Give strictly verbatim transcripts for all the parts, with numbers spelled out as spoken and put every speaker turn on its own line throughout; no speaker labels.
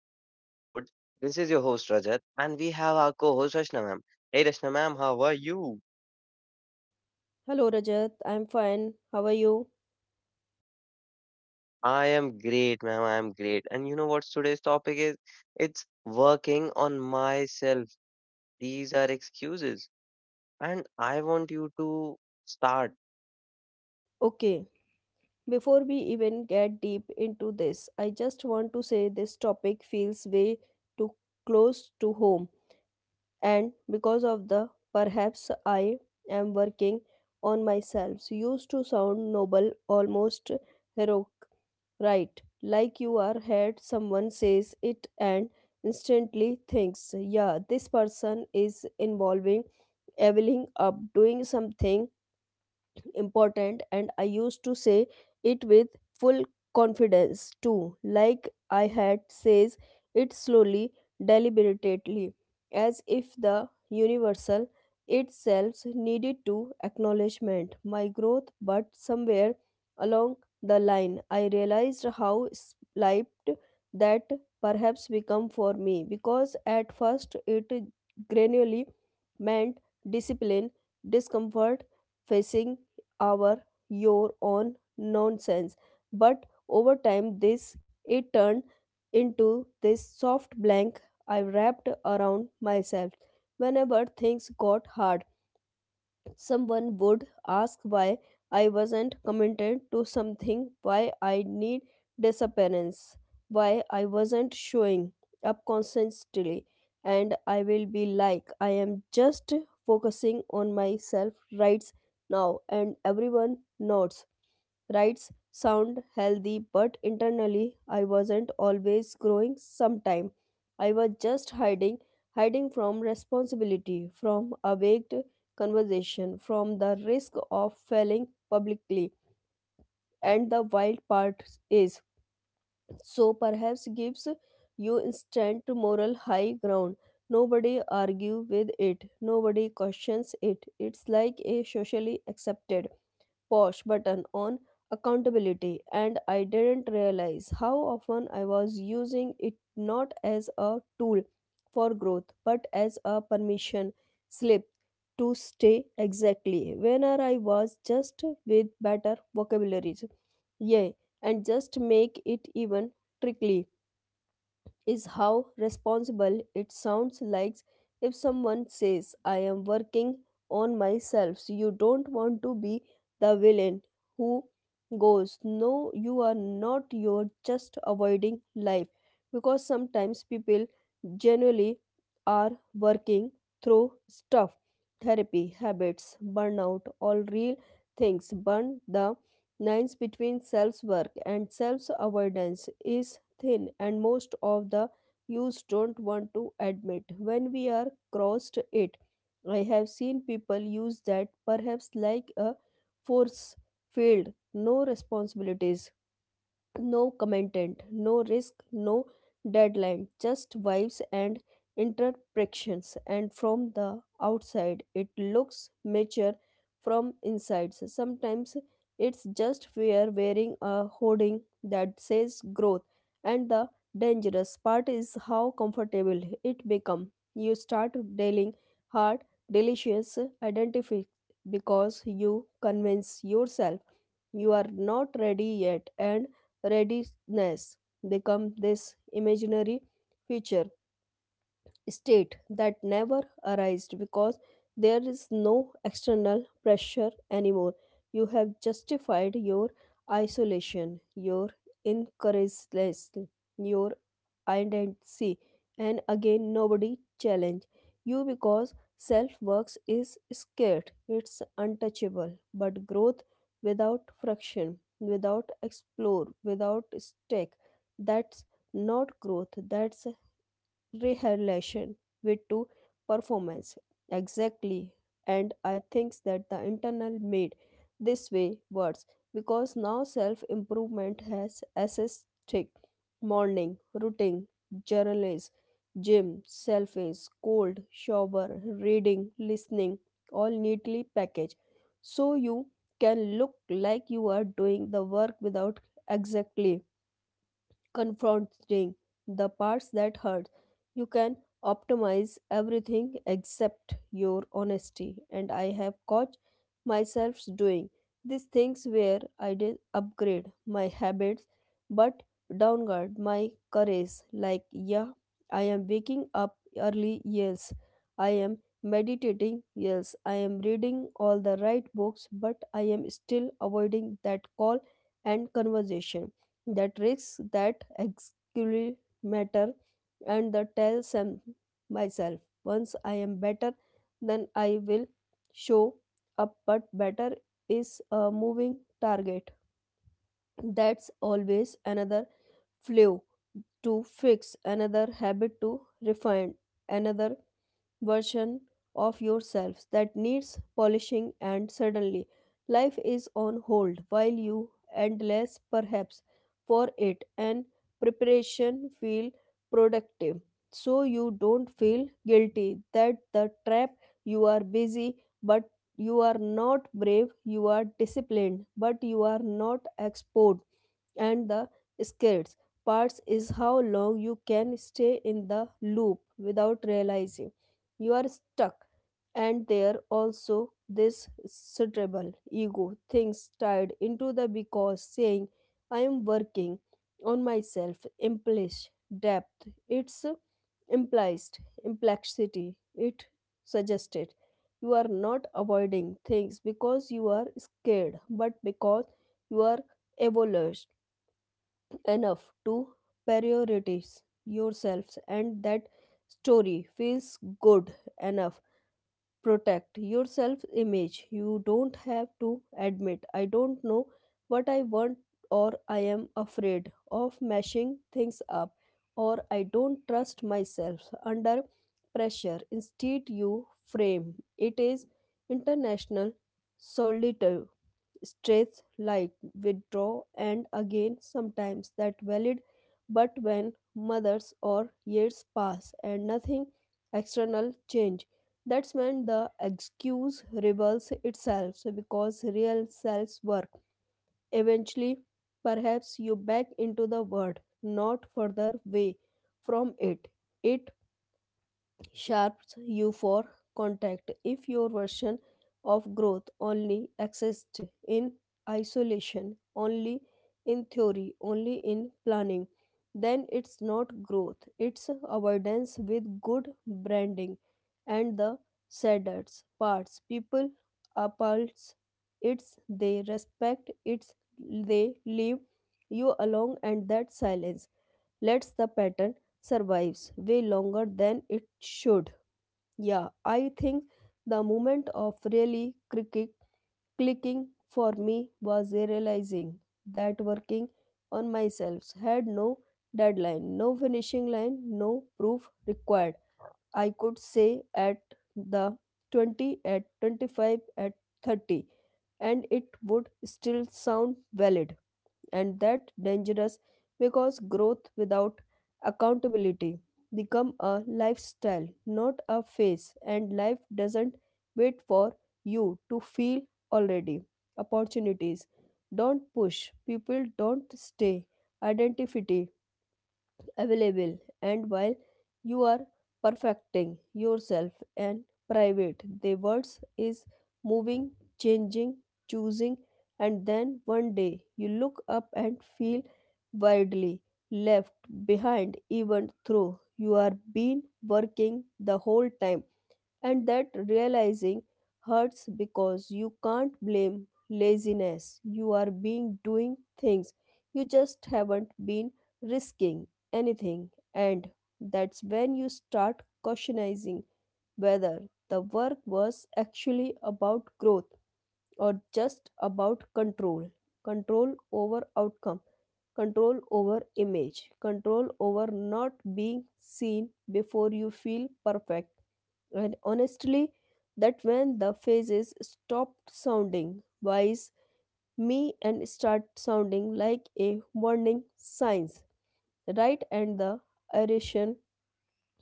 In this episode, this is your host Rajat, and we have our co host Rashna ma'am. Hey, Rashna ma'am, how are you?
Hello Rajat, I'm fine. How are you?
I am great, ma'am. I am great. And you know what today's topic is? It's working on myself. These are excuses. And I want you to start.
Okay, before we even get deep into this, I just want to say this topic feels way too close to home, and because of the perhaps I am working on myself used to sound noble, almost heroic, right? Like you are heard someone says it and instantly thinks, yeah, this person is involving, leveling up, doing something important. And I used to say it with full confidence too, like I had says it slowly, deliberately, as if the universal itself needed to acknowledgement my growth. But somewhere along the line I realized how slight that perhaps become for me, because at first it gradually meant discipline, discomfort, facing our your own nonsense. But over time, this it turned into this soft blank I wrapped around myself whenever things got hard. Someone would ask why I wasn't committed to something, why I need disappearance, why I wasn't showing up constantly, and I will be like, I am just focusing on myself right now, and everyone nods. Rights sound healthy, but internally I wasn't always growing sometime. I was just hiding, hiding from responsibility, from awake conversation, from the risk of failing publicly. And the wild part is, so perhaps gives you instant moral high ground. Nobody argue with it. Nobody questions it. It's like a socially accepted pause button on accountability, and I didn't realize how often I was using it, not as a tool for growth but as a permission slip to stay exactly where I was, just with better vocabularies. Yay, and just make it even tricky is how responsible it sounds. Like if someone says, I am working on myself, so you don't want to be the villain who goes, no, you are not, you're just avoiding life. Because sometimes people genuinely are working through stuff, therapy, habits, burnout, all real things. Burn the lines between self-work and self-avoidance is thin, and most of the youths don't want to admit when we are crossed it. I have seen people use that perhaps like a force field. No responsibilities, no commentant, no risk, no deadline, just vibes and interpretations. And from the outside, it looks mature. From inside, sometimes it's just we're wearing a hoarding that says growth. And the dangerous part is how comfortable it becomes. You start dealing hard, delicious identify, because you convince yourself you are not ready yet, and readiness become this imaginary future state that never arised, because there is no external pressure anymore. You have justified your isolation, your incoherence, your identity, and again nobody challenge you because self works is scared, it's untouchable. But growth without friction, without explore, without stake, that's not growth, that's relation with to performance exactly. And I think that the internal made this way worse, because now self improvement has assisted morning routine, journals, gym selfies, cold shower, reading, listening, all neatly packaged, so you can look like you are doing the work without exactly confronting the parts that hurt. You can optimize everything except your honesty. And I have caught myself doing these things where I did upgrade my habits but downgrade my courage. Like, yeah, I am waking up early, yes. I am meditating, yes. I am reading all the right books, but I am still avoiding that call and conversation, the tricks that actually matter. And the tell some myself, once I am better, then I will show up. But better is a moving target. That's always another flaw to fix, another habit to refine, another version of yourselves that needs polishing, and suddenly life is on hold while you endless perhaps for it, and preparation feel productive, so you don't feel guilty. That the trap. You are busy but you are not brave, you are disciplined but you are not expert. And the scared parts is how long you can stay in the loop without realizing you are stuck. And there also this suitable ego things tied into the, because saying I am working on myself implies depth, it's implies implexity, it suggested you are not avoiding things because you are scared but because you are evolved enough to prioritize yourself. And that story feels good enough, protect your self image. You don't have to admit I don't know what I want, or I am afraid of mashing things up, or I don't trust myself under pressure. Instead you frame it as international solitude, stress, like withdraw, and again sometimes that valid. But when months or years pass and nothing external change, that's when the excuse reveals itself. So because real selves work eventually perhaps you back into the world, not further away from it. It sharps you for contact. If your version of growth only exists in isolation, only in theory, only in planning, then it's not growth, it's avoidance with good branding. And the saddest parts, people appulse it's, they respect it's, they leave you alone, and that silence lets the pattern survives way longer than it should. Yeah, I think the moment of really cricket clicking for me was realizing that working on myself had no deadline, no finishing line, no proof required. I could say at the twenty, at twenty-five, at thirty, and it would still sound valid. And that dangerous, because growth without accountability become a lifestyle, not a phase. And life doesn't wait for you to feel already, opportunities don't push, people don't stay, identity available. And while you are perfecting yourself and private, the words is moving, changing, choosing, and then one day you look up and feel widely left behind, even though you are been working the whole time. And that realizing hurts because you can't blame laziness. You are being doing things. You just haven't been risking anything. And that's when you start questioning whether the work was actually about growth or just about control. Control over outcome, control over image, control over not being seen before you feel perfect. And honestly, that when the phases stopped sounding wise me and start sounding like a warning signs, right? And the irritation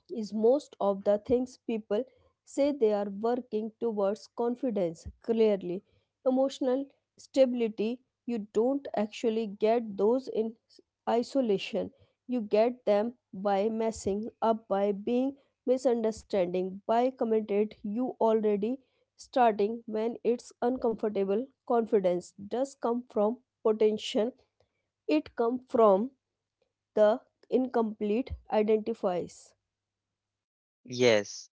is, most of the things people say they are working towards, confidence, clearly, emotional stability. You don't actually get those in s- isolation. You get them by messing up, by being misunderstanding, by committed you already starting when it's uncomfortable. Confidence does come from potential. It come from the incomplete identifies.
Yes.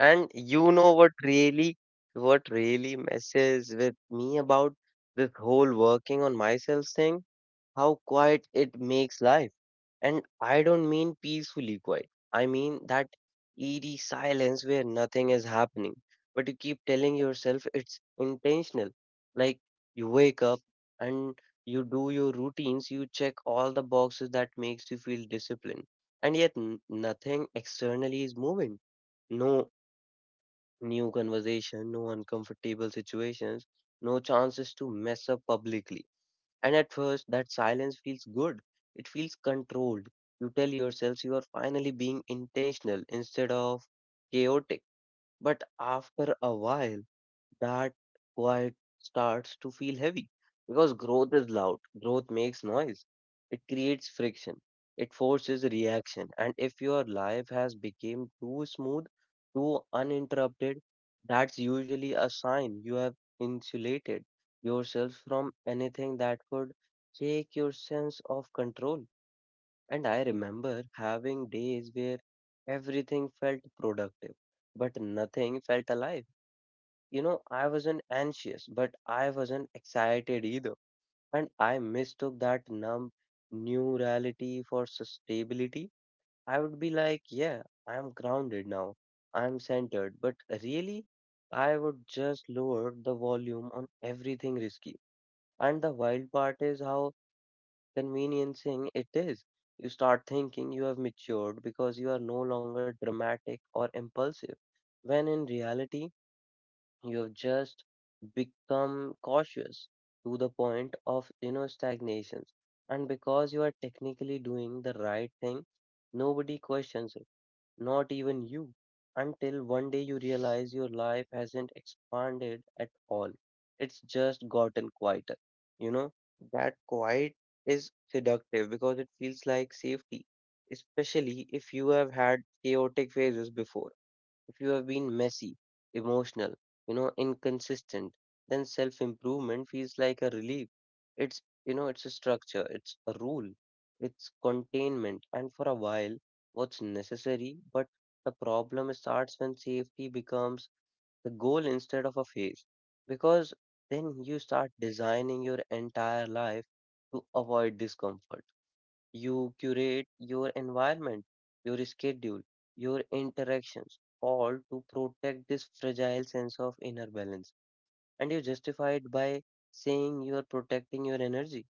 And you know what really, what really messes with me about this whole working on myself thing? How quiet it makes life. And I don't mean peacefully quiet. I mean that eerie silence where nothing is happening, but you keep telling yourself it's intentional. Like you wake up and you do your routines, you check all the boxes that makes you feel disciplined, and yet n- nothing externally is moving. No new conversation, no uncomfortable situations, no chances to mess up publicly. And at first, that silence feels good. It feels controlled. You tell yourselves you are finally being intentional instead of chaotic. But after a while, that quiet starts to feel heavy because growth is loud, growth makes noise, it creates friction, it forces reaction, and if your life has become too smooth, too uninterrupted, that's usually a sign you have insulated yourself from anything that could shake your sense of control. And I remember having days where everything felt productive, but nothing felt alive. You know, I wasn't anxious, but I wasn't excited either. And I mistook that numb new reality for stability. I would be like, yeah, I'm grounded now. I'm centered. But really, I would just lower the volume on everything risky. And the wild part is how conveniencing it is. You start thinking you have matured because you are no longer dramatic or impulsive when in reality you've just become cautious to the point of, you know, stagnations. And because you are technically doing the right thing, nobody questions it, not even you, until one day you realize your life hasn't expanded at all. It's just gotten quieter. You know, that quiet is seductive because it feels like safety, especially if you have had chaotic phases before. If you have been messy, emotional, you know, inconsistent, then self improvement feels like a relief. It's, you know, it's a structure, it's a rule, it's containment. And for a while, what's necessary, but the problem starts when safety becomes the goal instead of a phase. Because then you start designing your entire life to avoid discomfort. You curate your environment, your schedule, your interactions, all to protect this fragile sense of inner balance. And you justify it by saying you are protecting your energy,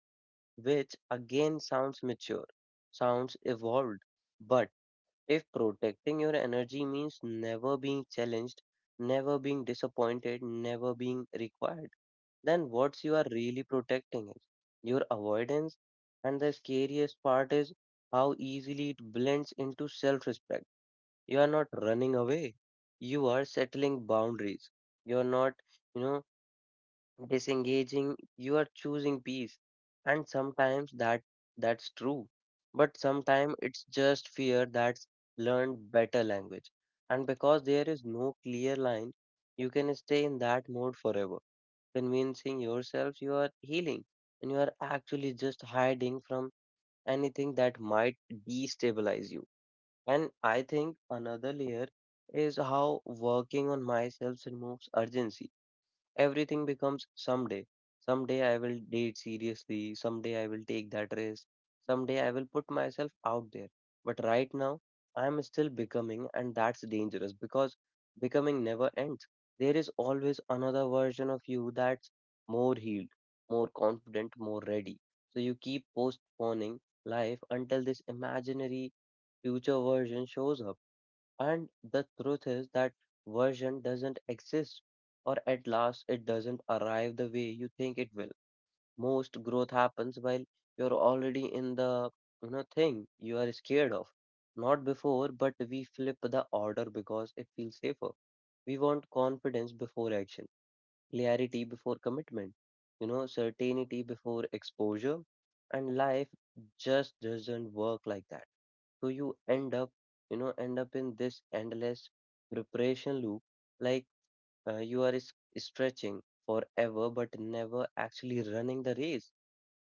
which again sounds mature, sounds evolved. But if protecting your energy means never being challenged, never being disappointed, never being required, then what's you are really protecting is your avoidance. And the scariest part is how easily it blends into self-respect. You are not running away, you are settling boundaries, you are not, you know, disengaging, you are choosing peace. And sometimes that that's true, but sometimes it's just fear that's learned better language. And because there is no clear line, you can stay in that mode forever convincing yourself you are healing, and you are actually just hiding from anything that might destabilize you. And I think another layer is how working on myself removes urgency. Everything becomes someday. Someday I will date seriously. Someday I will take that risk. Someday I will put myself out there. But right now, I am still becoming, and that's dangerous because becoming never ends. There is always another version of you that's more healed, more confident, more ready. So you keep postponing life until this imaginary future version shows up. And the truth is that version doesn't exist, or at last it doesn't arrive the way you think it will. Most growth happens while you're already in the, you know, thing you are scared of. Not before, but we flip the order because it feels safer. We want confidence before action, clarity before commitment, you know, certainty before exposure, and life just doesn't work like that. So you end up you know end up in this endless preparation loop, like, uh, you are s- stretching forever but never actually running the race.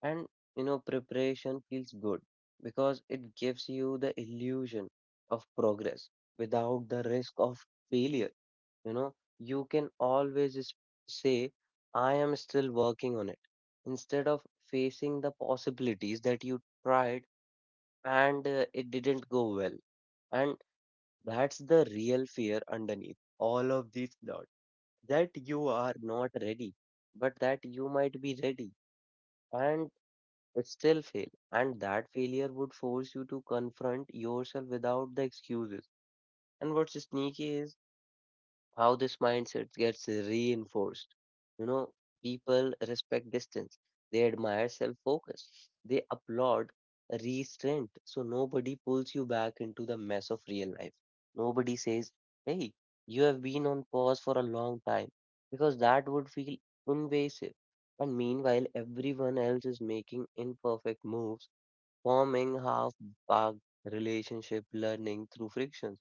And, you know, preparation feels good because it gives you the illusion of progress without the risk of failure. You know, you can always s- say I am still working on it instead of facing the possibilities that you tried and, uh, it didn't go well. And that's the real fear underneath all of these thoughts, that you are not ready, but that you might be ready and still fail. And that failure would force you to confront yourself without the excuses. And what's sneaky is how this mindset gets reinforced. You know, people respect distance, they admire self focus, they applaud restraint. So nobody pulls you back into the mess of real life. Nobody says, hey, you have been on pause for a long time, because that would feel invasive. And meanwhile, everyone else is making imperfect moves, forming half baked relationship learning through frictions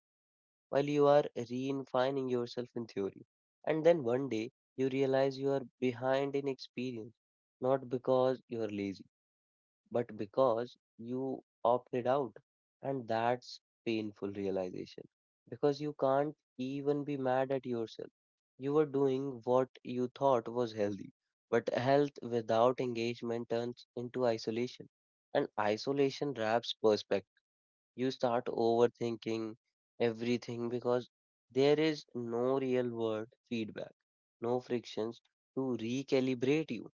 while you are redefining yourself in theory. And then one day you realize you are behind in experience, not because you are lazy, but because you opted out. And that's painful realization because you can't even be mad at yourself. You were doing what you thought was healthy, but health without engagement turns into isolation, and isolation wraps perspective. You start overthinking everything because there is no real world feedback, no frictions to recalibrate you.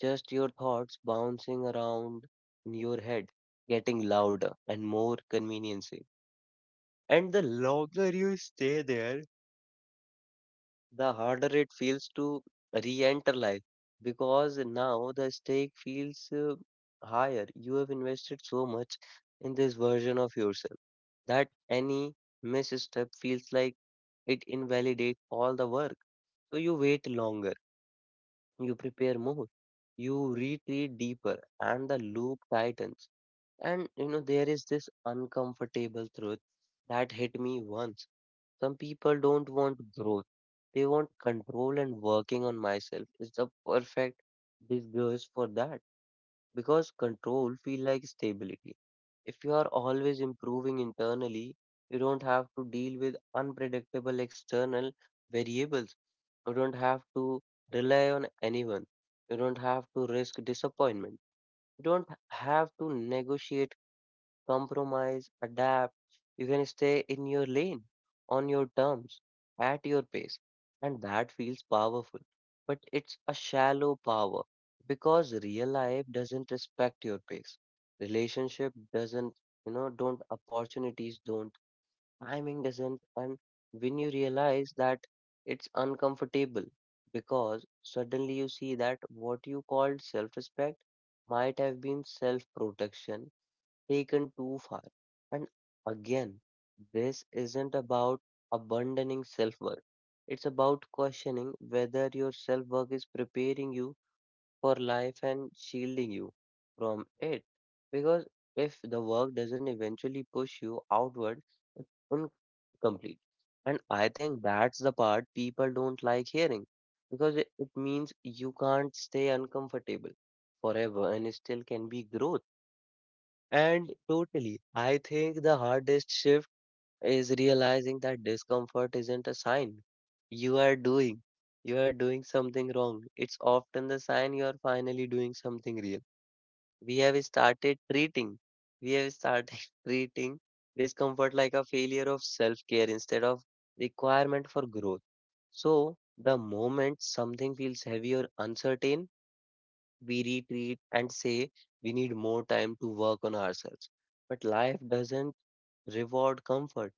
Just your thoughts bouncing around in your head, getting louder and more conveniencing. And the longer you stay there, the harder it feels to re-enter life because now the stake feels, uh, higher. You have invested so much in this version of yourself that any misstep feels like it invalidates all the work. So you wait longer, you prepare more, you retreat deeper, and the loop tightens. And you know, there is this uncomfortable truth that hit me once. Some people don't want growth. They want control and working on myself is the perfect disguise for that. Because control feel like stability. If you are always improving internally, you don't have to deal with unpredictable external variables. You don't have to rely on anyone. You don't have to risk disappointment. You don't have to negotiate compromise, adapt. You can stay in your lane, on your terms, at your pace. And that feels powerful. But it's a shallow power because real life doesn't respect your pace. Relationship doesn't, you know, don't, opportunities don't, timing doesn't. And when you realize that, it's uncomfortable because suddenly you see that what you called self respect might have been self protection taken too far. And again, this isn't about abandoning self worth, it's about questioning whether your self worth is preparing you for life and shielding you from it. Because if the work doesn't eventually push you outward, it's incomplete. And I think that's the part people don't like hearing because it it means you can't stay uncomfortable forever and still can be growth. And totally, I think the hardest shift is realizing that discomfort isn't a sign you are doing. You are doing something wrong. It's often the sign you are finally doing something real. We have started treating, we have started treating discomfort like a failure of self-care instead of requirement for growth. So the moment something feels heavy or uncertain, we retreat and say we need more time to work on ourselves. But life doesn't reward comfort,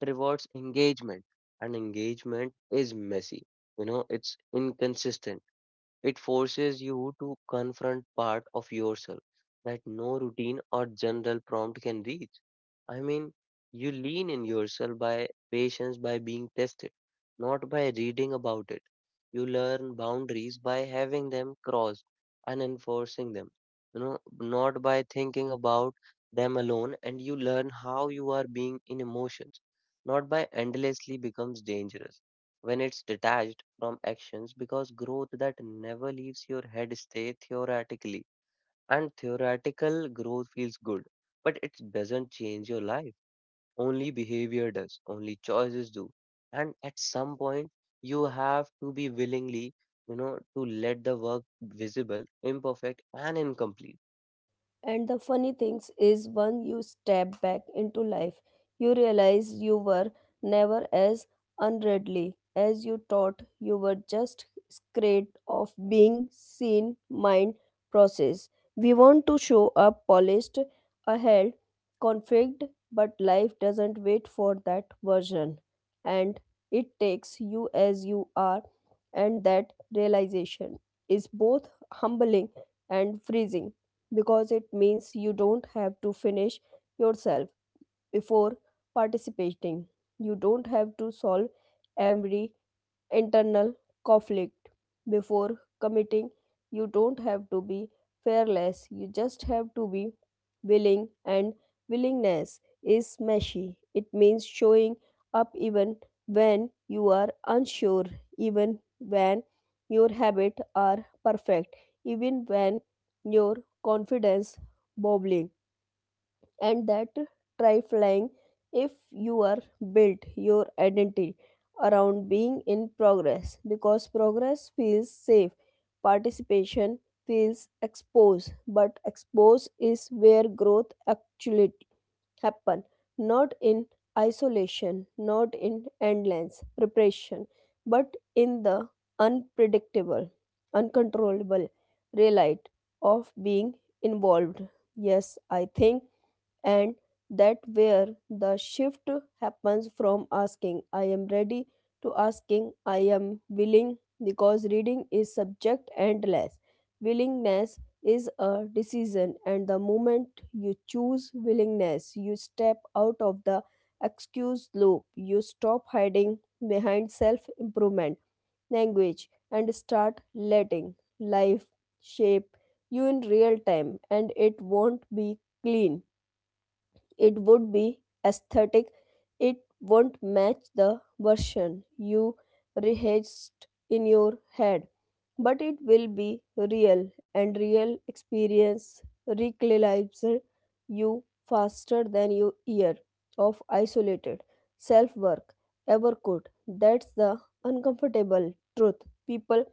it rewards engagement. And engagement is messy, you know, it's inconsistent. It forces you to confront part of yourself that no routine or general prompt can reach. I mean, you lean in yourself by patience by being tested, not by reading about it. You learn boundaries by having them crossed and enforcing them, you know, not by thinking about them alone. And you learn how you are being in emotions, not by endlessly becomes dangerous when it's detached from actions because growth that never leaves your head stay theoretically and theoretical growth feels good but it doesn't change your life. Only behavior does, only choices do. And at some point, you have to be willingly, you know, to let the work visible, imperfect, and incomplete.
And the funny things is, when you step back into life, you realize you were never as unreadly as you thought. You were just scared of being seen, mind, process. We want to show up polished, ahead, configured, but life doesn't wait for that version. And it takes you as you are, and that realization is both humbling and freezing, because it means you don't have to finish yourself before participating. You don't have to solve every internal conflict before committing. You don't have to be fearless. You just have to be willing, and willingness is meshy. It means showing up even when you are unsure, even when your habits are perfect, even when your confidence bobbling. And that try flying if you are built your identity around being in progress, because progress feels safe, participation feels exposed. But exposed is where growth actually happen, not in isolation, not in endless preparation, but in the unpredictable, uncontrollable real light of being involved. Yes, I think, and that where the shift happens, from asking I am ready to asking I am willing, because reading is subject endless. Willingness is a decision, and the moment you choose willingness, you step out of the excuse loop, you stop hiding behind self improvement language and start letting life shape you in real time. And it won't be clean, it would be aesthetic, it won't match the version you rehearsed in your head, but it will be real, and real experience recalibrates you faster than your year of isolated self work ever could. That's the uncomfortable truth people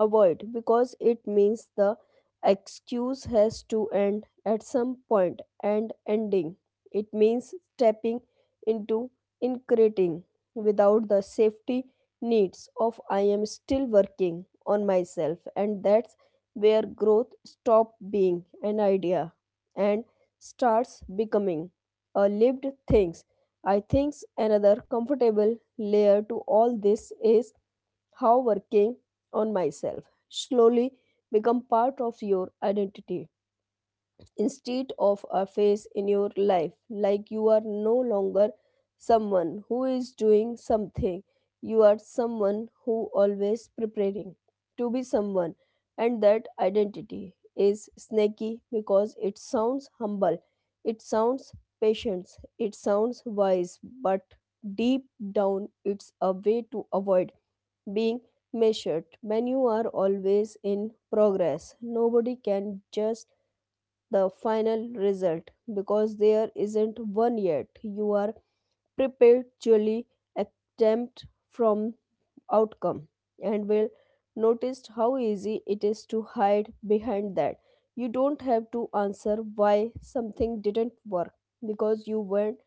avoid, because it means the excuse has to end at some point, and ending it means stepping into increasing without the safety needs of I am still working on myself. And that's where growth stops being an idea and starts becoming a lived things. I think another comfortable layer to all this is how working on myself slowly become part of your identity instead of a phase in your life. Like, you are no longer someone who is doing something, you are someone who always preparing to be someone, and that identity is snaky because it sounds humble, it sounds patient, it sounds wise, but deep down it's a way to avoid being measured. When you are always in progress, nobody can just the final result because there isn't one yet. You are perpetually exempt from outcome, and will notice how easy it is to hide behind that. You don't have to answer why something didn't work because you weren't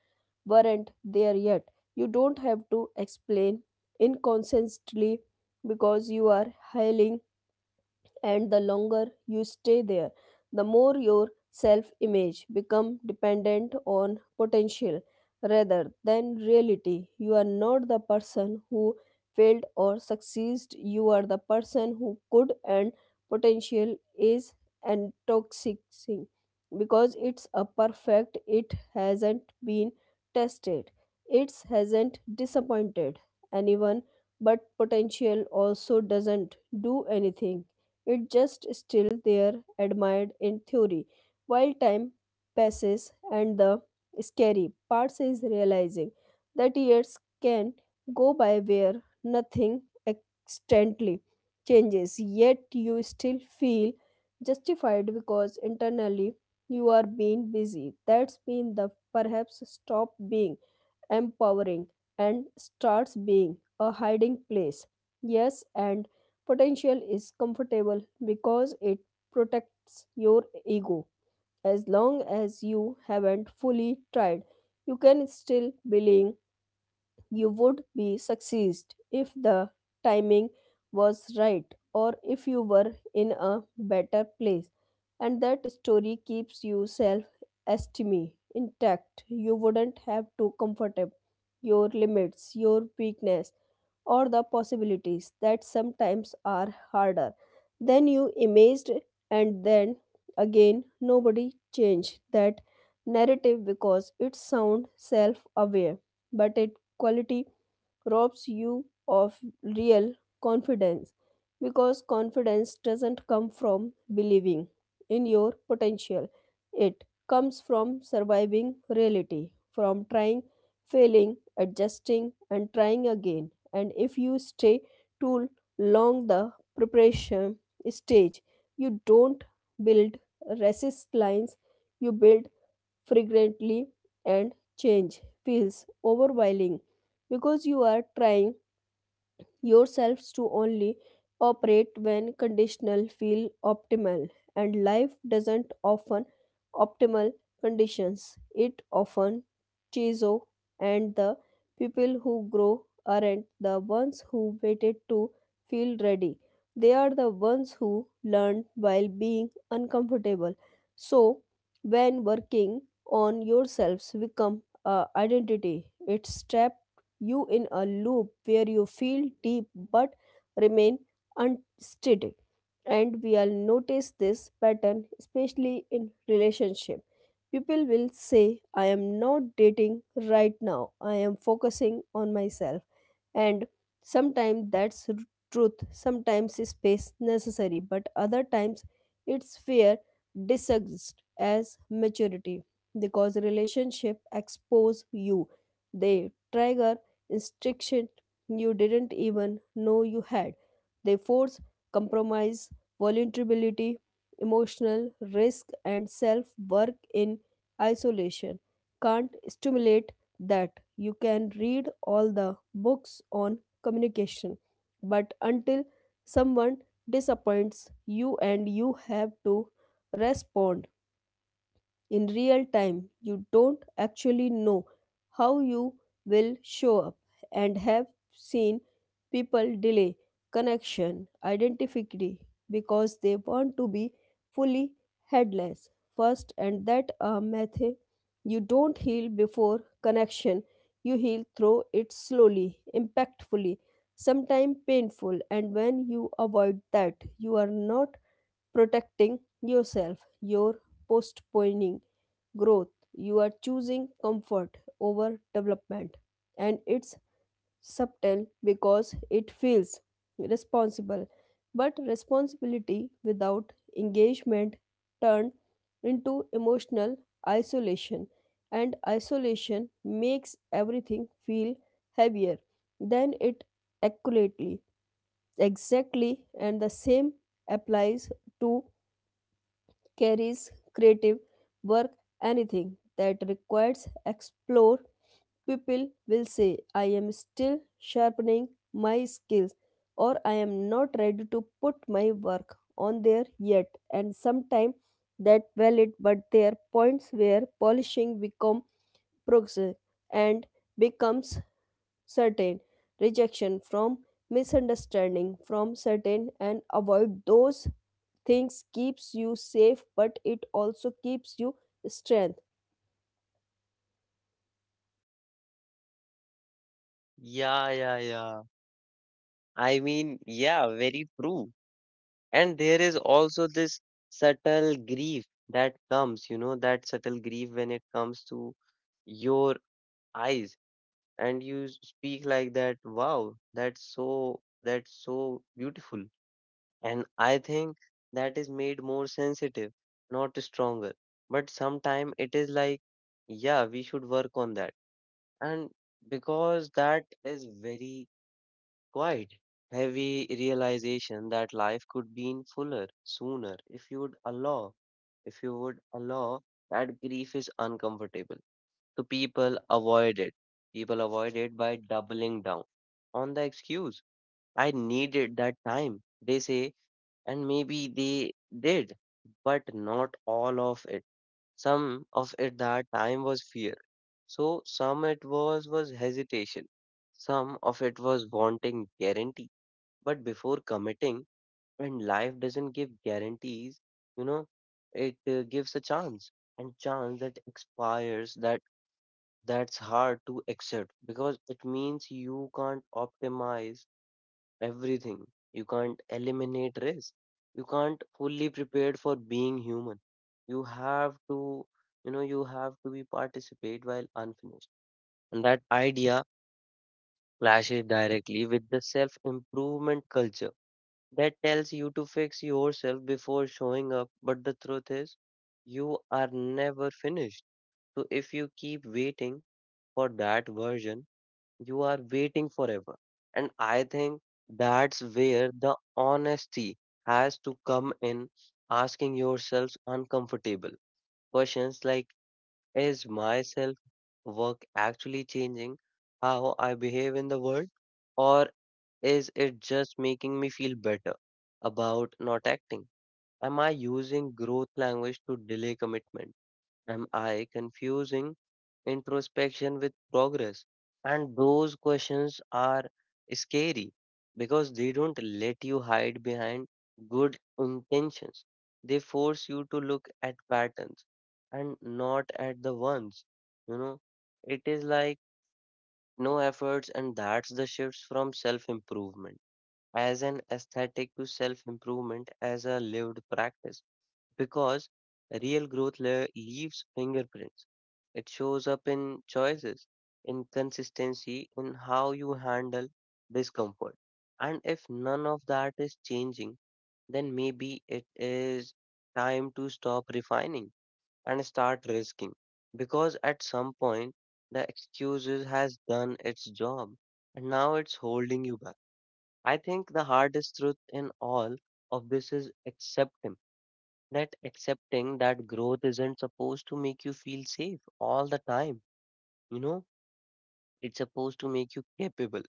weren't there yet. You don't have to explain inconsistently because you are hailing, and the longer you stay there, the more your self image become dependent on potential rather than reality. You are not the person who failed or succeeded, you are the person who could, and potential is intoxicating because it's a perfect, it hasn't been tested, it hasn't disappointed anyone. But potential also doesn't do anything, it just still there, admired in theory. While time passes and the scary part is realizing that years can go by where nothing extently changes, yet you still feel justified because internally you are being busy. That's been the perhaps stop being empowering, and starts being a hiding place. Yes, and potential is comfortable because it protects your ego. As long as you haven't fully tried, you can still believe you would be succeed if the timing was right or if you were in a better place, and that story keeps you self esteem intact. You wouldn't have to comfort up your limits, your weakness, or the possibilities that sometimes are harder than you imagined. And then again, nobody changed that narrative because it sounds self-aware, but it quality robs you of real confidence, because confidence doesn't come from believing in your potential. It comes from surviving reality, from trying, failing, adjusting, and trying again. And if you stay too long, the preparation stage, you don't build resist lines, you build frequently, and change feels overwhelming because you are trying yourselves to only operate when conditional feel optimal, and life doesn't often optimal conditions, it often chizo. And the people who grow aren't the ones who waited to feel ready, they are the ones who learned while being uncomfortable. So when working on yourselves become a identity, it's step you in a loop where you feel deep but remain unsteady. And we all notice this pattern, especially in relationship. People will say, I am not dating right now, I am focusing on myself, and sometimes that's r- truth, sometimes space necessary, but other times it's fear disguised as maturity, because relationship expose you, they trigger instruction you didn't even know you had, they force compromise, vulnerability, emotional risk, and self work in isolation can't stimulate that. You can read all the books on communication, but until someone disappoints you and you have to respond, in real time, you don't actually know how you will show up. And have seen people delay connection identity because they want to be fully headless first, and that a method. You don't heal before connection, you heal through it, slowly, impactfully, sometimes painful. And when you avoid that, you are not protecting yourself, your postponing growth. You are choosing comfort over development. And it's subtle because it feels responsible. But responsibility without engagement turned into emotional isolation. And isolation makes everything feel heavier than it accurately. Exactly, and the same applies to carries creative work, anything that requires explore. People will say, I am still sharpening my skills, or I am not ready to put my work on there yet, and sometimes that valid, but there are points where polishing become progress, and becomes certain, rejection from misunderstanding from certain, and avoid those things keeps you safe, but it also keeps you strength.
Yeah, yeah, yeah. I mean, yeah, very true. And there is also this subtle grief that comes, you know, that subtle grief when it comes to your eyes and you s- speak like that, wow, that's so that's so beautiful. And I think that is made more sensitive, not stronger. But sometimes it is like, yeah, we should work on that. And because that is very quiet, heavy realization that life could be in fuller sooner if you would allow, if you would allow that grief is uncomfortable. So people avoid it. People avoid it by doubling down on the excuse. I needed that time. They say, and maybe they did, but not all of it. Some of it, that time was fear. So some it was was hesitation. Some of it was wanting guarantee. But before committing, when life doesn't give guarantees, you know, it uh, gives a chance, and chance that expires, that that's hard to accept because it means you can't optimize everything. You can't eliminate risk. You can't fully prepared for being human. You have to, you know, you have to be participate while unfinished. And that idea clashes directly with the self-improvement culture that tells you to fix yourself before showing up. But the truth is, you are never finished. So if you keep waiting for that version, you are waiting forever. And I think that's where the honesty has to come in, asking yourselves uncomfortable questions like, is my self work actually changing how I behave in the world? Or is it just making me feel better about not acting? Am I using growth language to delay commitment? Am I confusing introspection with progress? And those questions are scary because they don't let you hide behind good intentions. They force you to look at patterns and not at the ones. You know, it is like no efforts, and that's the shifts from self improvement as an aesthetic to self improvement as a lived practice, because real growth le- leaves fingerprints. It shows up in choices, in consistency, in how you handle discomfort. And if none of that is changing, then maybe it is time to stop refining and start risking. Because at some point, the excuses has done its job and now it's holding you back. I think the hardest truth in all of this is acceptance, that accepting that growth isn't supposed to make you feel safe all the time. you know it's supposed to make you capable,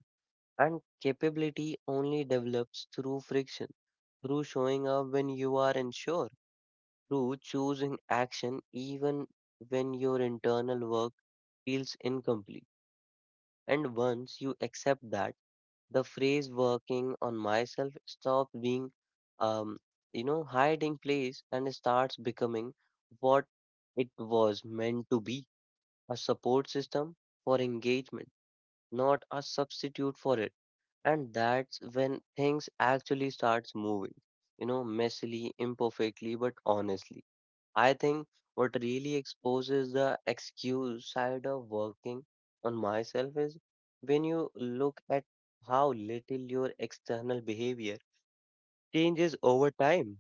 and capability only develops through friction, through showing up when you are unsure, through choosing action even when your internal work feels incomplete. And once you accept that, the phrase working on myself stops being um you know hiding place and starts becoming what it was meant to be, a support system for engagement, not a substitute for it. And that's when things actually starts moving, you know messily, imperfectly, but honestly. I think what really exposes the excuse side of working on myself is when you look at how little your external behavior changes over time.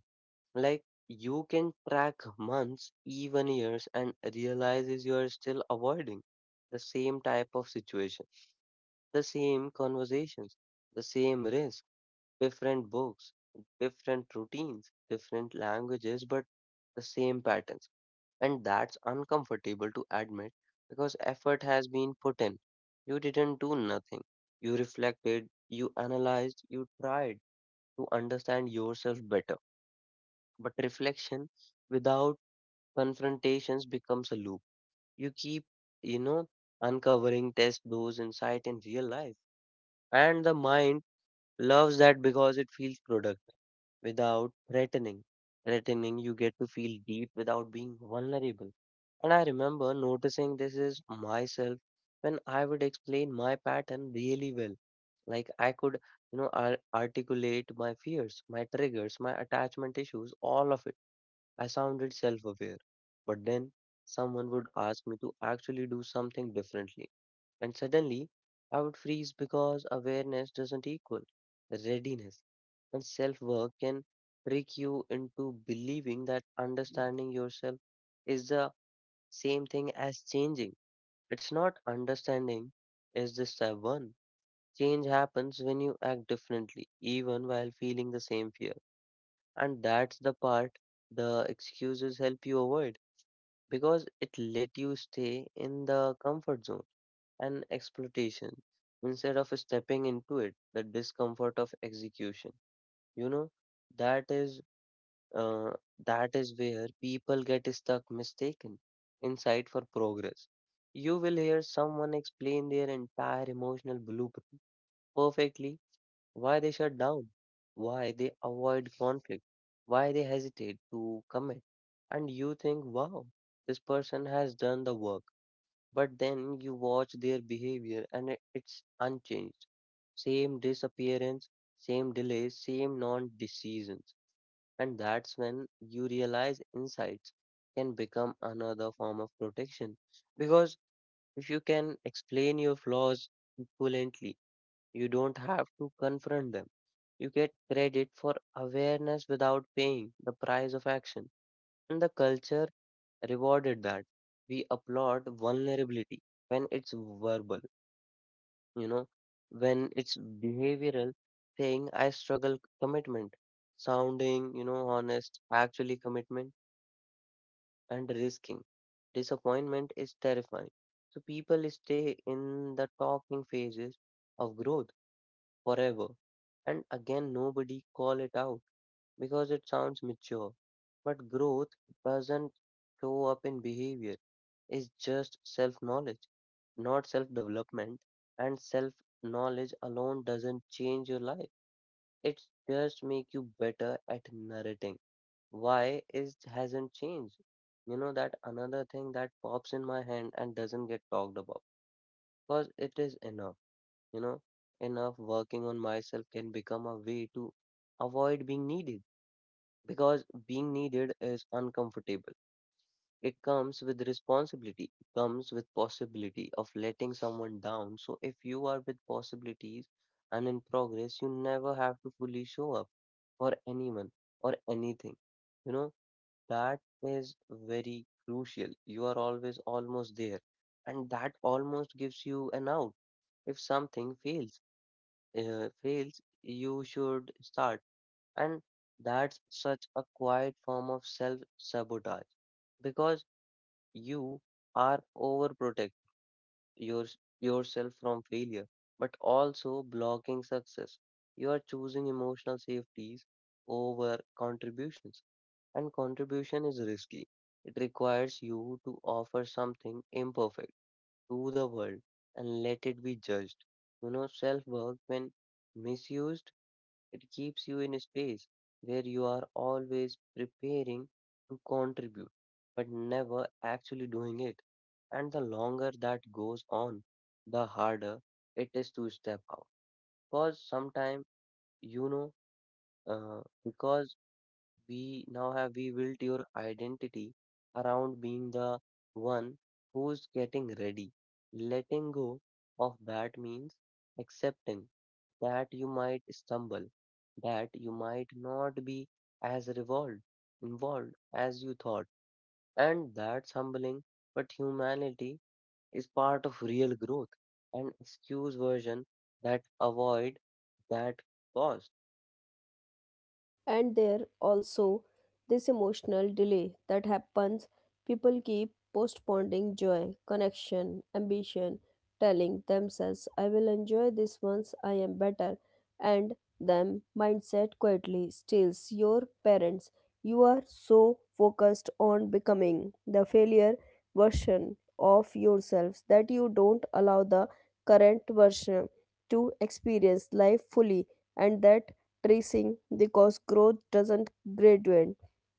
Like, you can track months, even years, and realizes you are still avoiding the same type of situation, the same conversations, the same risk, different books, different routines, different languages, but the same patterns. And that's uncomfortable to admit because effort has been put in. You didn't do nothing. You reflected, you analyzed, you tried to understand yourself better. But reflection without confrontations becomes a loop. You keep, you know, uncovering test those insight in real life. And the mind loves that because it feels productive without threatening. Threatening, you get to feel deep without being vulnerable. And I remember noticing this is myself when I would explain my pattern really well. Like, I could, you know, ar- articulate my fears, my triggers, my attachment issues, all of it. I sounded self aware. But then someone would ask me to actually do something differently. And suddenly, I would freeze because awareness doesn't equal readiness. And self work can trick you into believing that understanding yourself is the same thing as changing. It's not understanding, is the step one. Change happens when you act differently, even while feeling the same fear. And that's the part the excuses help you avoid, because it let you stay in the comfort zone and exploitation instead of stepping into it the discomfort of execution. you know that is uh, that is where people get stuck mistaken inside for progress. You will hear someone explain their entire emotional blueprint perfectly, why they shut down, why they avoid conflict, why they hesitate to commit. And you think, wow, this person has done the work. But then you watch their behavior and it- it's unchanged. Same disappearance, same delays, same non decisions. And that's when you realize insights can become another form of protection. Because if you can explain your flaws equivalently, you don't have to confront them. You get credit for awareness without paying the price of action. And the culture rewarded that. We applaud vulnerability when it's verbal, you know, when it's behavioral, saying I struggle commitment, sounding, you know, honest, actually commitment, and risking. Disappointment is terrifying. So people stay in the talking phases of growth forever. And again, nobody call it out because it sounds mature. But growth doesn't show up in behavior. It's just self-knowledge, not self-development. And self-knowledge alone doesn't change your life. It just make you better at narrating. Why is hasn't changed? You know that another thing that pops in my hand and doesn't get talked about because it is enough, you know, enough working on myself can become a way to avoid being needed, because being needed is uncomfortable. It comes with responsibility, it comes with possibility of letting someone down. So if you are with possibilities and in progress, you never have to fully show up for anyone or anything. You know, that is very crucial. You are always almost there, and that almost gives you an out if something fails uh, fails, you should start. And that's such a quiet form of self sabotage because you are overprotect your, yourself from failure, but also blocking success. You are choosing emotional safeties over contributions, and contribution is risky. It requires you to offer something imperfect to the world and let it be judged. You know, self work, when misused, it keeps you in a space where you are always preparing to contribute, but never actually doing it. And the longer that goes on, the harder it is to step out. Because sometimes, you know, uh, because we now have we built your identity around being the one who's getting ready. Letting go of that means accepting that you might stumble, that you might not be as revolved, involved as you thought. And that's humbling, but humanity is part of real growth. An excuse version that avoid that cost.
And there also this emotional delay that happens, people keep postponing joy, connection, ambition, telling themselves I will enjoy this once I am better. And them mindset quietly steals your parents, you are so focused on becoming the failure version of yourselves that you don't allow the current version to experience life fully. And that tracing, because growth doesn't graduate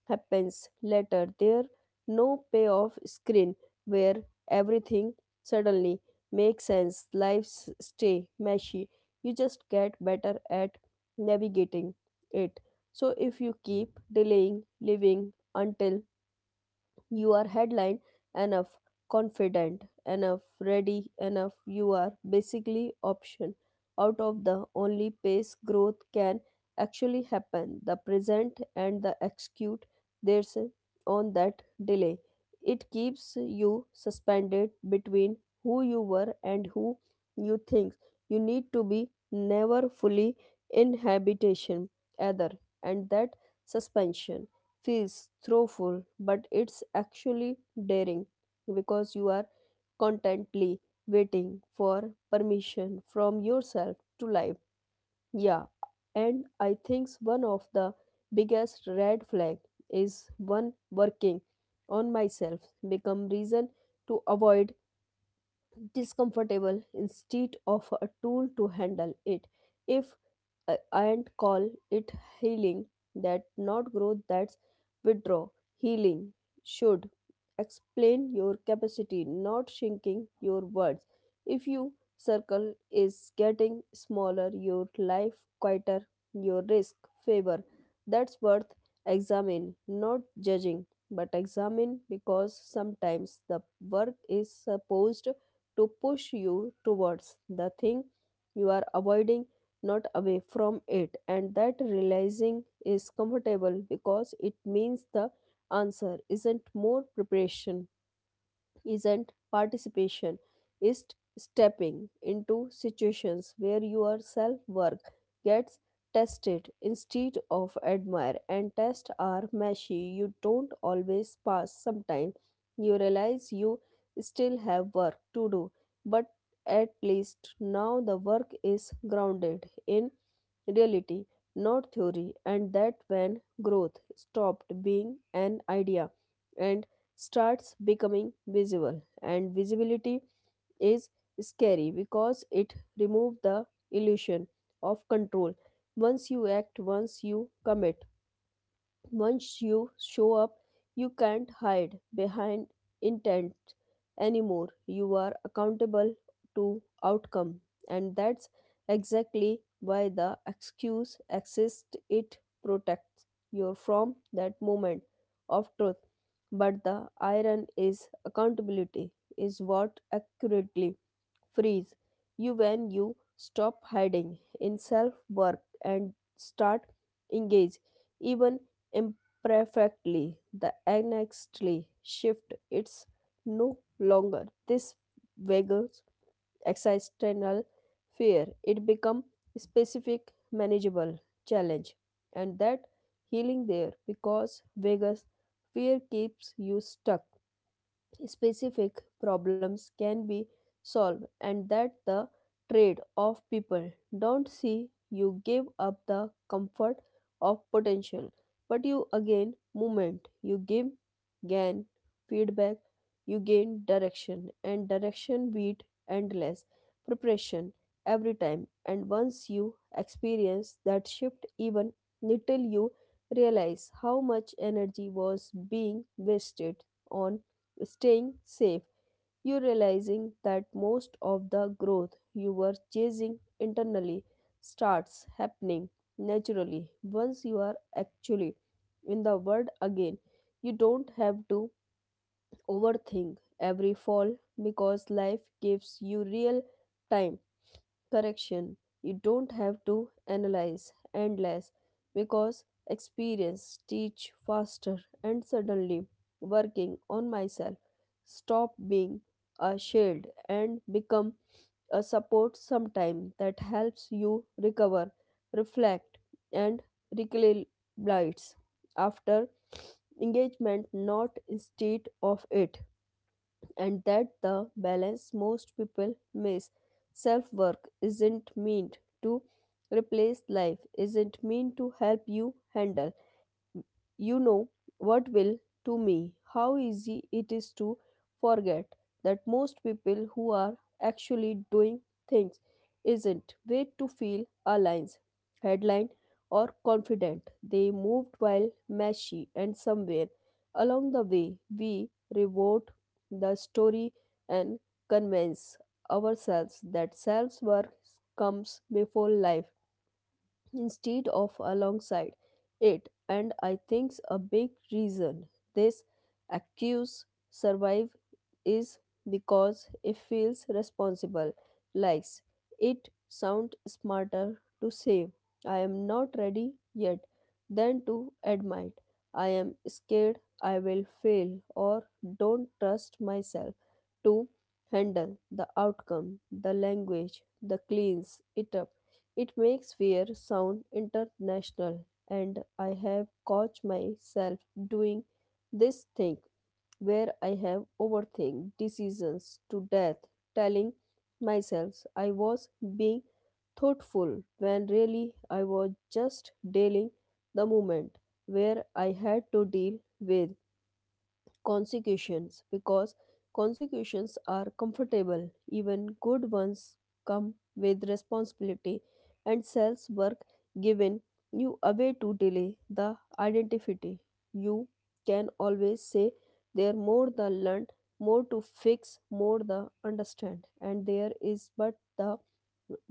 happens later, there no payoff screen where everything suddenly makes sense, lives stay meshy, you just get better at navigating it. So if you keep delaying living until you are headline enough, confident enough, ready enough, you are basically option out of the only pace growth can actually happen. The present and the execute there's on that delay. It keeps you suspended between who you were and who you think you need to be, never fully in habitation either. And that suspension feels throwful, but it's actually daring, because you are constantly waiting for permission from yourself to live. Yeah, and I think one of the biggest red flag is one working on myself become reason to avoid discomfortable instead of a tool to handle it. If I and call it healing, that not growth, that's withdraw. Healing should explain your capacity, not shrinking your words. If your circle is getting smaller, your life quieter, your risk favor, that's worth examine, not judging, but examine, because sometimes the work is supposed to push you towards the thing you are avoiding, not away from it. And that realizing is comfortable because it means the answer isn't more preparation, isn't participation, is stepping into situations where your self worth gets tested instead of admired. And tests are messy, you don't always pass. Sometimes you realize you still have work to do, but at least now the work is grounded in reality, not theory, and that when growth stopped being an idea and starts becoming visible. And visibility is scary because it removes the illusion of control. Once you act, once you commit, once you show up, you can't hide behind intent anymore. You are accountable to outcome, and that's exactly why the excuse exists. It protects you from that moment of truth. But the iron is accountability is what accurately freeze you when you stop hiding in self work and start engage, even imperfectly, the annexly shift, it's no longer this vague existential fear, it become specific, manageable challenge. And that healing there, because vague fear keeps you stuck, specific problems can be solved. And that the trade of people don't see, you give up the comfort of potential, but you again movement, you give gain feedback, you gain direction, and direction beat endless preparation every time. And once you experience that shift, even little, you realize how much energy was being wasted on staying safe, you realizing that most of the growth you were chasing internally starts happening naturally once you are actually in the world again. You don't have to overthink every fall, because life gives you real time correction. You don't have to analyze endless, because experience teach faster. And suddenly working on myself stop being a shield and become a support sometime that helps you recover, reflect, and recalibrate after engagement, not instead of it. And that the balance most people miss, self work isn't meant to replace life, isn't meant to help you handle, you know, what will to me how easy it is to forget that most people who are actually doing things isn't way to feel aligns, headline or confident, they moved while messy. And somewhere along the way we rewrote the story and convince ourselves that self worth comes before life instead of alongside it. And I think a big reason this accuse survive is because it feels responsible, likes it sound smarter to say I am not ready yet than to admit I am scared I will fail or don't trust myself to handle the outcome. The language the cleans it up, it makes fear sound international. And I have caught myself doing this thing where I have overthink decisions to death, telling myself I was being thoughtful when really I was just dealing the moment where I had to deal with consecutions, because consecutions are comfortable, even good ones come with responsibility. And self work given you away to delay the identity, you can always say there more the learn, more to fix, more the understand, and there is, but the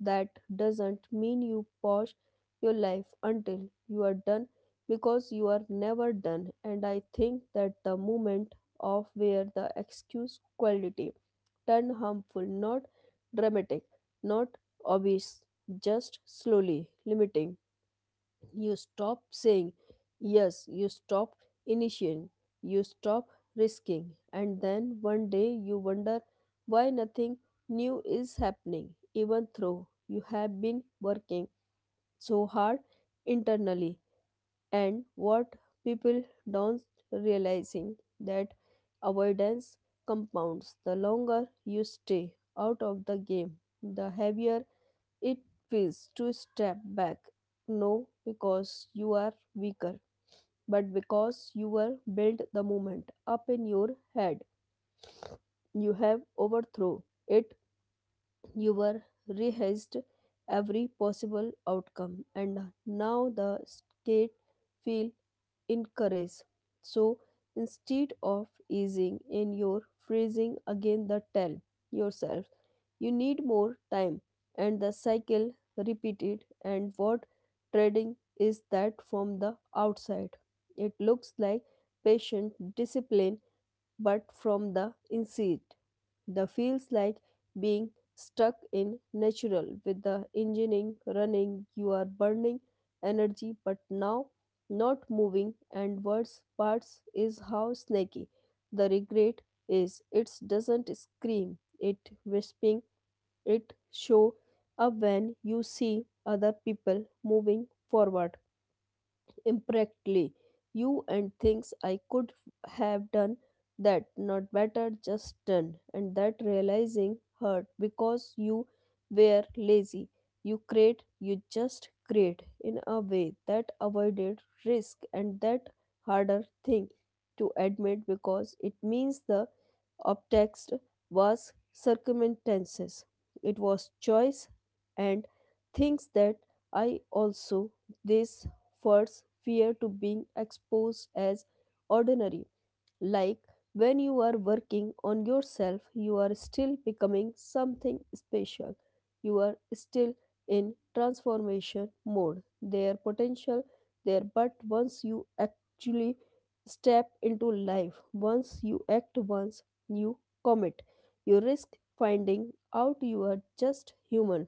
that doesn't mean you pause your life until you are done, because you are never done. And I think that the moment of where the excuse quality turn harmful, not dramatic, not obvious, just slowly limiting. You stop saying yes, you stop initiating, you stop risking, and then one day you wonder why nothing new is happening, even though you have been working so hard internally. And what people don't realizing that avoidance compounds, the longer you stay out of the game, the heavier it feels to step back, no because you are weaker, but because you were built the moment up in your head, you have overthrown it, you were rehearsed every possible outcome, and now the state feel encouraged. So instead of easing in your freezing again, the tell yourself you need more time, and the cycle repeated. And what trading is that from the outside, it looks like patient discipline, but from the inside, the feels like being stuck in natural with the engine running, you are burning energy but now not moving. And worst parts is how snaky the regret is, it doesn't scream, it whispering, it show up when you see other people moving forward impractically, you and thinks I could have done that, not better, just done. And that realizing hurt, because you were lazy. You create, you just create in a way that avoided risk, and that harder thing to admit, because it means the of text was circumstances. It was choice. And things that I also this first fear to being exposed as ordinary, like when you are working on yourself, you are still becoming something special. You are still in transformation mode. Their potential there, but once you actually step into life, once you act, once you commit, you risk finding out you are just human,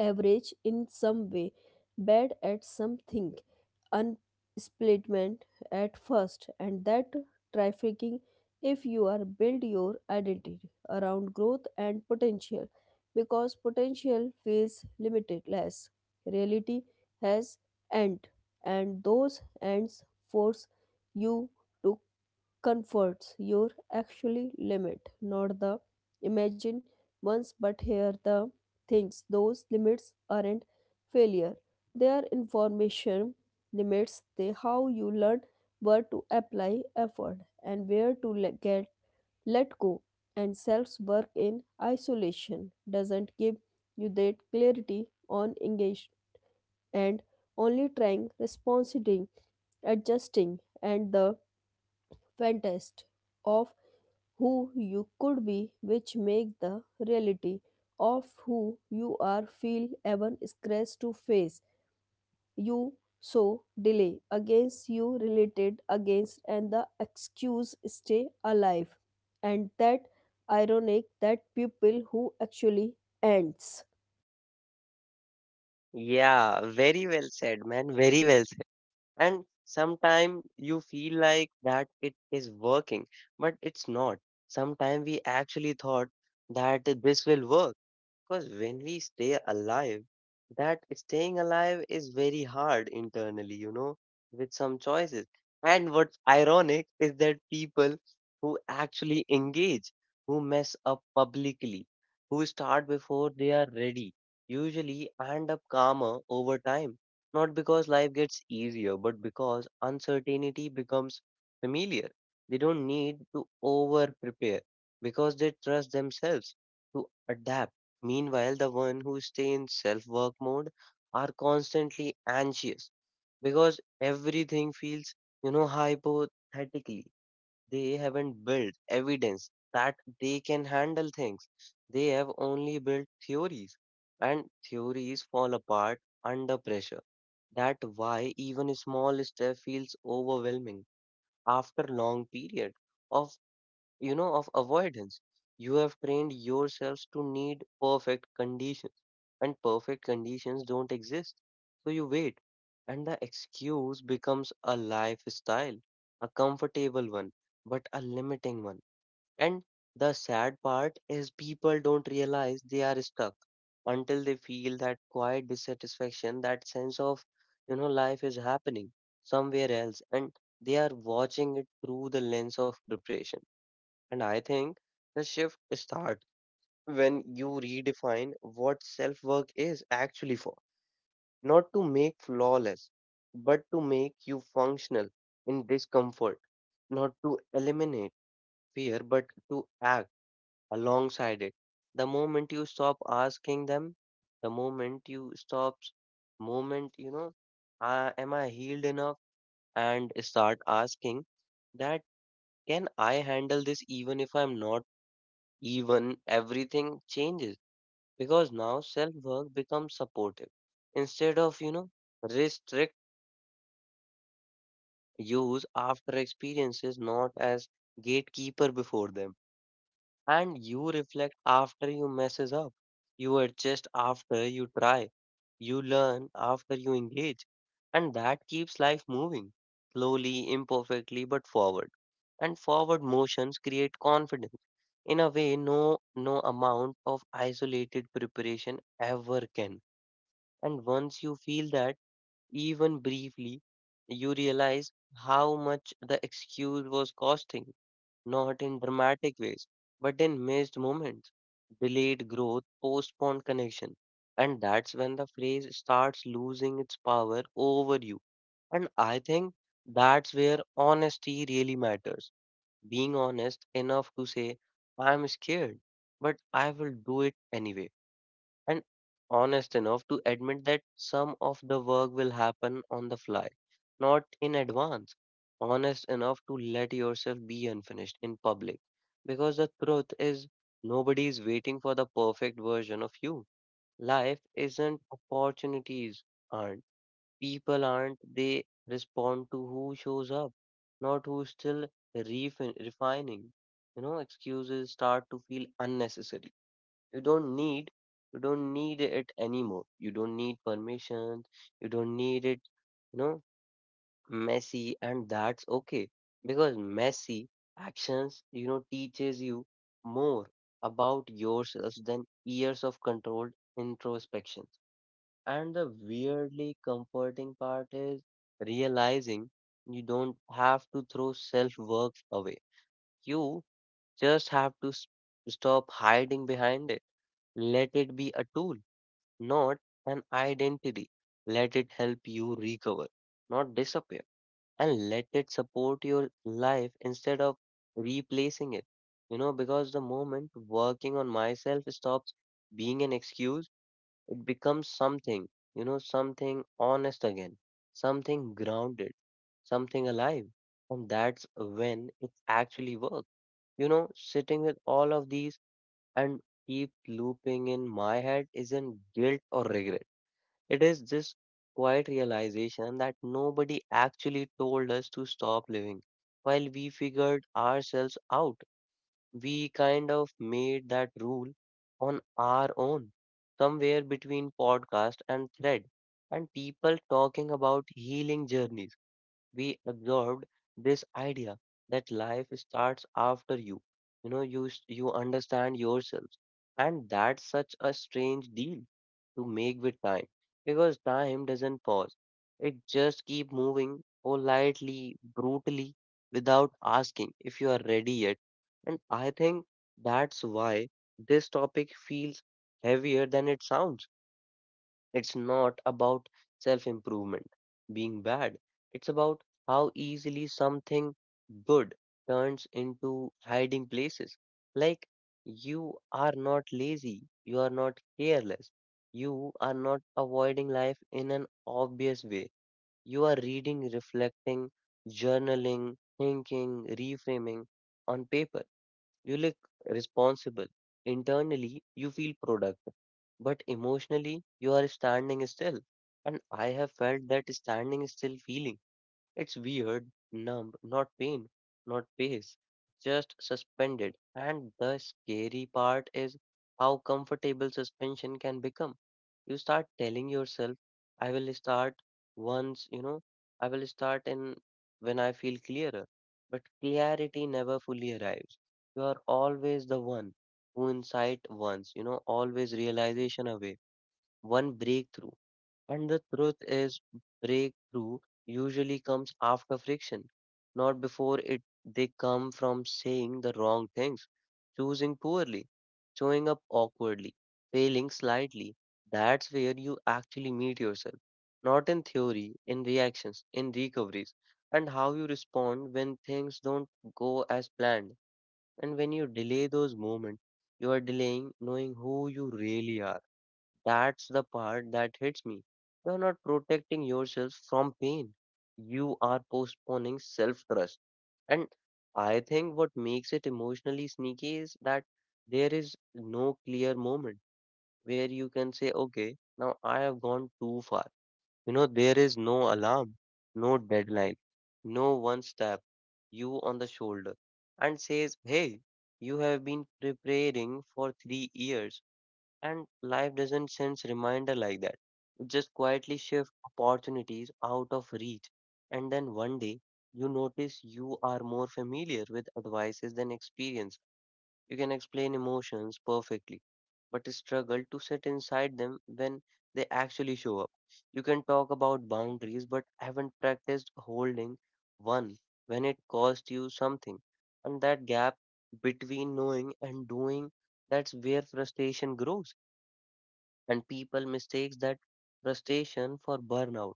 average in some way, bad at something, unsplatment at first, and that trafficking if you are build your identity around growth and potential, because potential feels limitless. Reality has end, and those ends force you to comforts your actually limit, not the imagine ones, but here the things. Those limits aren't failure. They are information limits. They how you learn where to apply effort and where to let get let go. And self's work in isolation doesn't give you that clarity on engaged and only trying, responding, adjusting, and the fantasy of who you could be, which make the reality of who you are feel even scratch to face you. So delay against, you related against, and the excuse stay alive. And that ironic that people who actually ends
Yeah, very well said, man. Very well. And sometimes you feel like that it is working but it's not. Sometimes we actually thought that this will work because when we stay alive, that staying alive is very hard internally, you know, with some choices. And what's ironic is that people who actually engage, who mess up publicly, who start before they are ready, usually end up calmer over time. Not because life gets easier, but because uncertainty becomes familiar. They don't need to over prepare because they trust themselves to adapt. Meanwhile, the one who stay in self work mode are constantly anxious because everything feels, you know, hypothetically. They haven't built evidence that they can handle things. They have only built theories, and theories fall apart under pressure. That why even a small step feels overwhelming after long period of you know, of avoidance. You have trained yourselves to need perfect conditions, and perfect conditions don't exist. So you wait, and the excuse becomes a lifestyle, a comfortable one, but a limiting one. And the sad part is people don't realize they are stuck until they feel that quiet dissatisfaction, that sense of, you know, life is happening somewhere else, and they are watching it through the lens of preparation. And I think the shift starts when you redefine what self work is actually for, not to make flawless, but to make you functional in discomfort, not to eliminate fear, but to act alongside it. The moment you stop asking them, the moment you stop, moment, you know, uh, am I healed enough? And start asking that, can I handle this even if I'm not? Even everything changes because now self work becomes supportive instead of, you know, restrict use after experiences, not as gatekeeper before them. And you reflect after you messes up, you adjust after you try, you learn after you engage, and that keeps life moving slowly, imperfectly, but forward. And forward motions create confidence in a way no no amount of isolated preparation ever can. And once you feel that, even briefly, you realize how much the excuse was costing, not in dramatic ways, but in missed moments, delayed growth, postponed connection. And that's when the phrase starts losing its power over you. And I think that's where honesty really matters. Being honest enough to say, I'm scared, but I will do it anyway, and honest enough to admit that some of the work will happen on the fly, not in advance. Honest enough to let yourself be unfinished in public, because the truth is nobody is waiting for the perfect version of you. Life isn't, opportunities aren't, people aren't, they respond to who shows up, not who's still refin- refining. You know, excuses start to feel unnecessary. you don't need you don't need it anymore. You don't need permissions, you don't need it, you know. Messy, and that's okay, because messy actions, you know, teaches you more about yourself than years of controlled introspection. And the weirdly comforting part is realizing you don't have to throw self work away, you just have to s- stop hiding behind it. Let it be a tool, not an identity. Let it help you recover, not disappear, and let it support your life instead of replacing it. You know, because the moment working on myself stops being an excuse, it becomes something, you know, something honest again, something grounded, something alive. And that's when it actually works. You know, sitting with all of these and keep looping in my head isn't guilt or regret, it is this quiet realization that nobody actually told us to stop living. While we figured ourselves out, we kind of made that rule on our own, somewhere between podcast and thread, and people talking about healing journeys, we observed this idea that life starts after you. You know, you s- you understand yourselves, and that's such a strange deal to make with time, because time doesn't pause. It just keep moving, politely, brutally, without asking if you are ready yet. And I think that's why this topic feels heavier than it sounds. It's not about self improvement being bad, it's about how easily something good turns into hiding places. Like, you are not lazy, you are not careless, you are not avoiding life in an obvious way. You are reading, reflecting, journaling, thinking, reframing. On paper you look responsible. Internally, you feel productive, but emotionally, you are standing still. And I have felt that standing still feeling. It's weird, numb, not pain, not pace, just suspended. And the scary part is how comfortable suspension can become. You start telling yourself, I will start once, you know, I will start in when I feel clearer. But clarity never fully arrives. You are always the one who insight once, you know, always realization away, one breakthrough. And the truth is, breakthrough usually comes after friction, not before it. They come from saying the wrong things, choosing poorly, showing up awkwardly, failing slightly. That's where you actually meet yourself, not in theory, in reactions, in recoveries, and how you respond when things don't go as planned. And when you delay those moments, you are delaying knowing who you really are. That's the part that hits me. You're not protecting yourself from pain. You are postponing self trust. And I think what makes it emotionally sneaky is that there is no clear moment where you can say, okay, now I have gone too far. You know, there is no alarm, no deadline, no one stab you on the shoulder and says, hey, you have been preparing for three years and life doesn't send reminder like that. It just quietly shift opportunities out of reach. And then one day you notice you are more familiar with advices than experience. You can explain emotions perfectly, but struggle to sit inside them when they actually show up. You can talk about boundaries, but haven't practiced holding one when it cost you something. And that gap between knowing and doing, that's where frustration grows, and people mistakes that frustration for burnout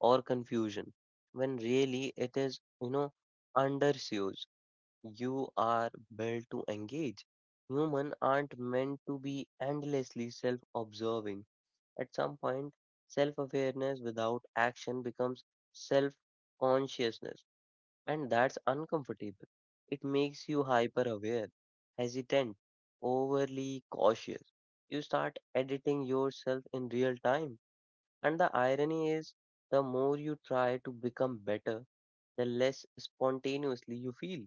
or confusion, when really it is, you know, underused. You are built to engage. Human aren't meant to be endlessly self-observing. At some point self-awareness without action becomes self-consciousness, and that's uncomfortable. It makes you hyper aware, hesitant, overly cautious. You start editing yourself in real time. And the irony is, the more you try to become better, the less spontaneously you feel.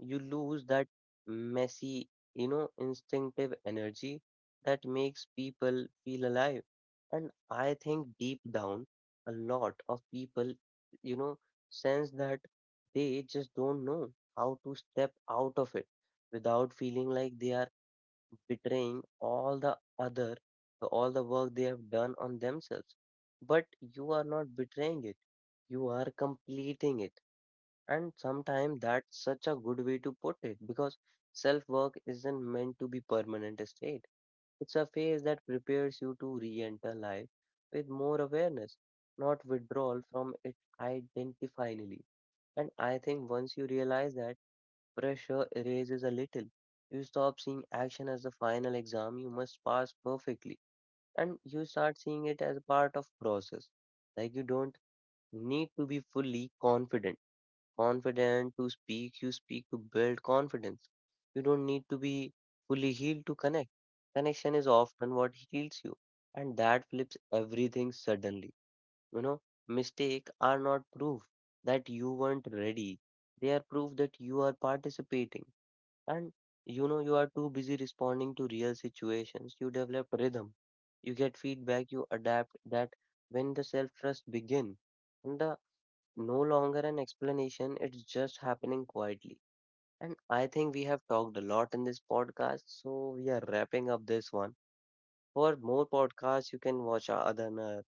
You lose that messy, you know, instinctive energy that makes people feel alive. And I think deep down, a lot of people, you know, sense that. They just don't know how to step out of it without feeling like they are betraying all the other, all the work they have done on themselves. But you are not betraying it, you are completing it, and sometimes that's such a good way to put it, because self work isn't meant to be permanent state. It's a phase that prepares you to re enter life with more awareness, not withdrawal from it identifinally. And I think once you realize that, pressure erases a little. You stop seeing action as the final exam you must pass perfectly, and you start seeing it as a part of process. Like you don't need to be fully confident confident to speak, you speak to build confidence. You don't need to be fully healed to connect. Connection is often what heals you, and that flips everything suddenly. You know, mistakes are not proof that you weren't ready, they are proof that you are participating. And you know, you are too busy responding to real situations. You develop rhythm, you get feedback, you adapt, that when the self trust begin. And the no longer an explanation, it's just happening quietly. And I think we have talked a lot in this podcast, so we are wrapping up this one. For more podcasts, you can watch our other uh,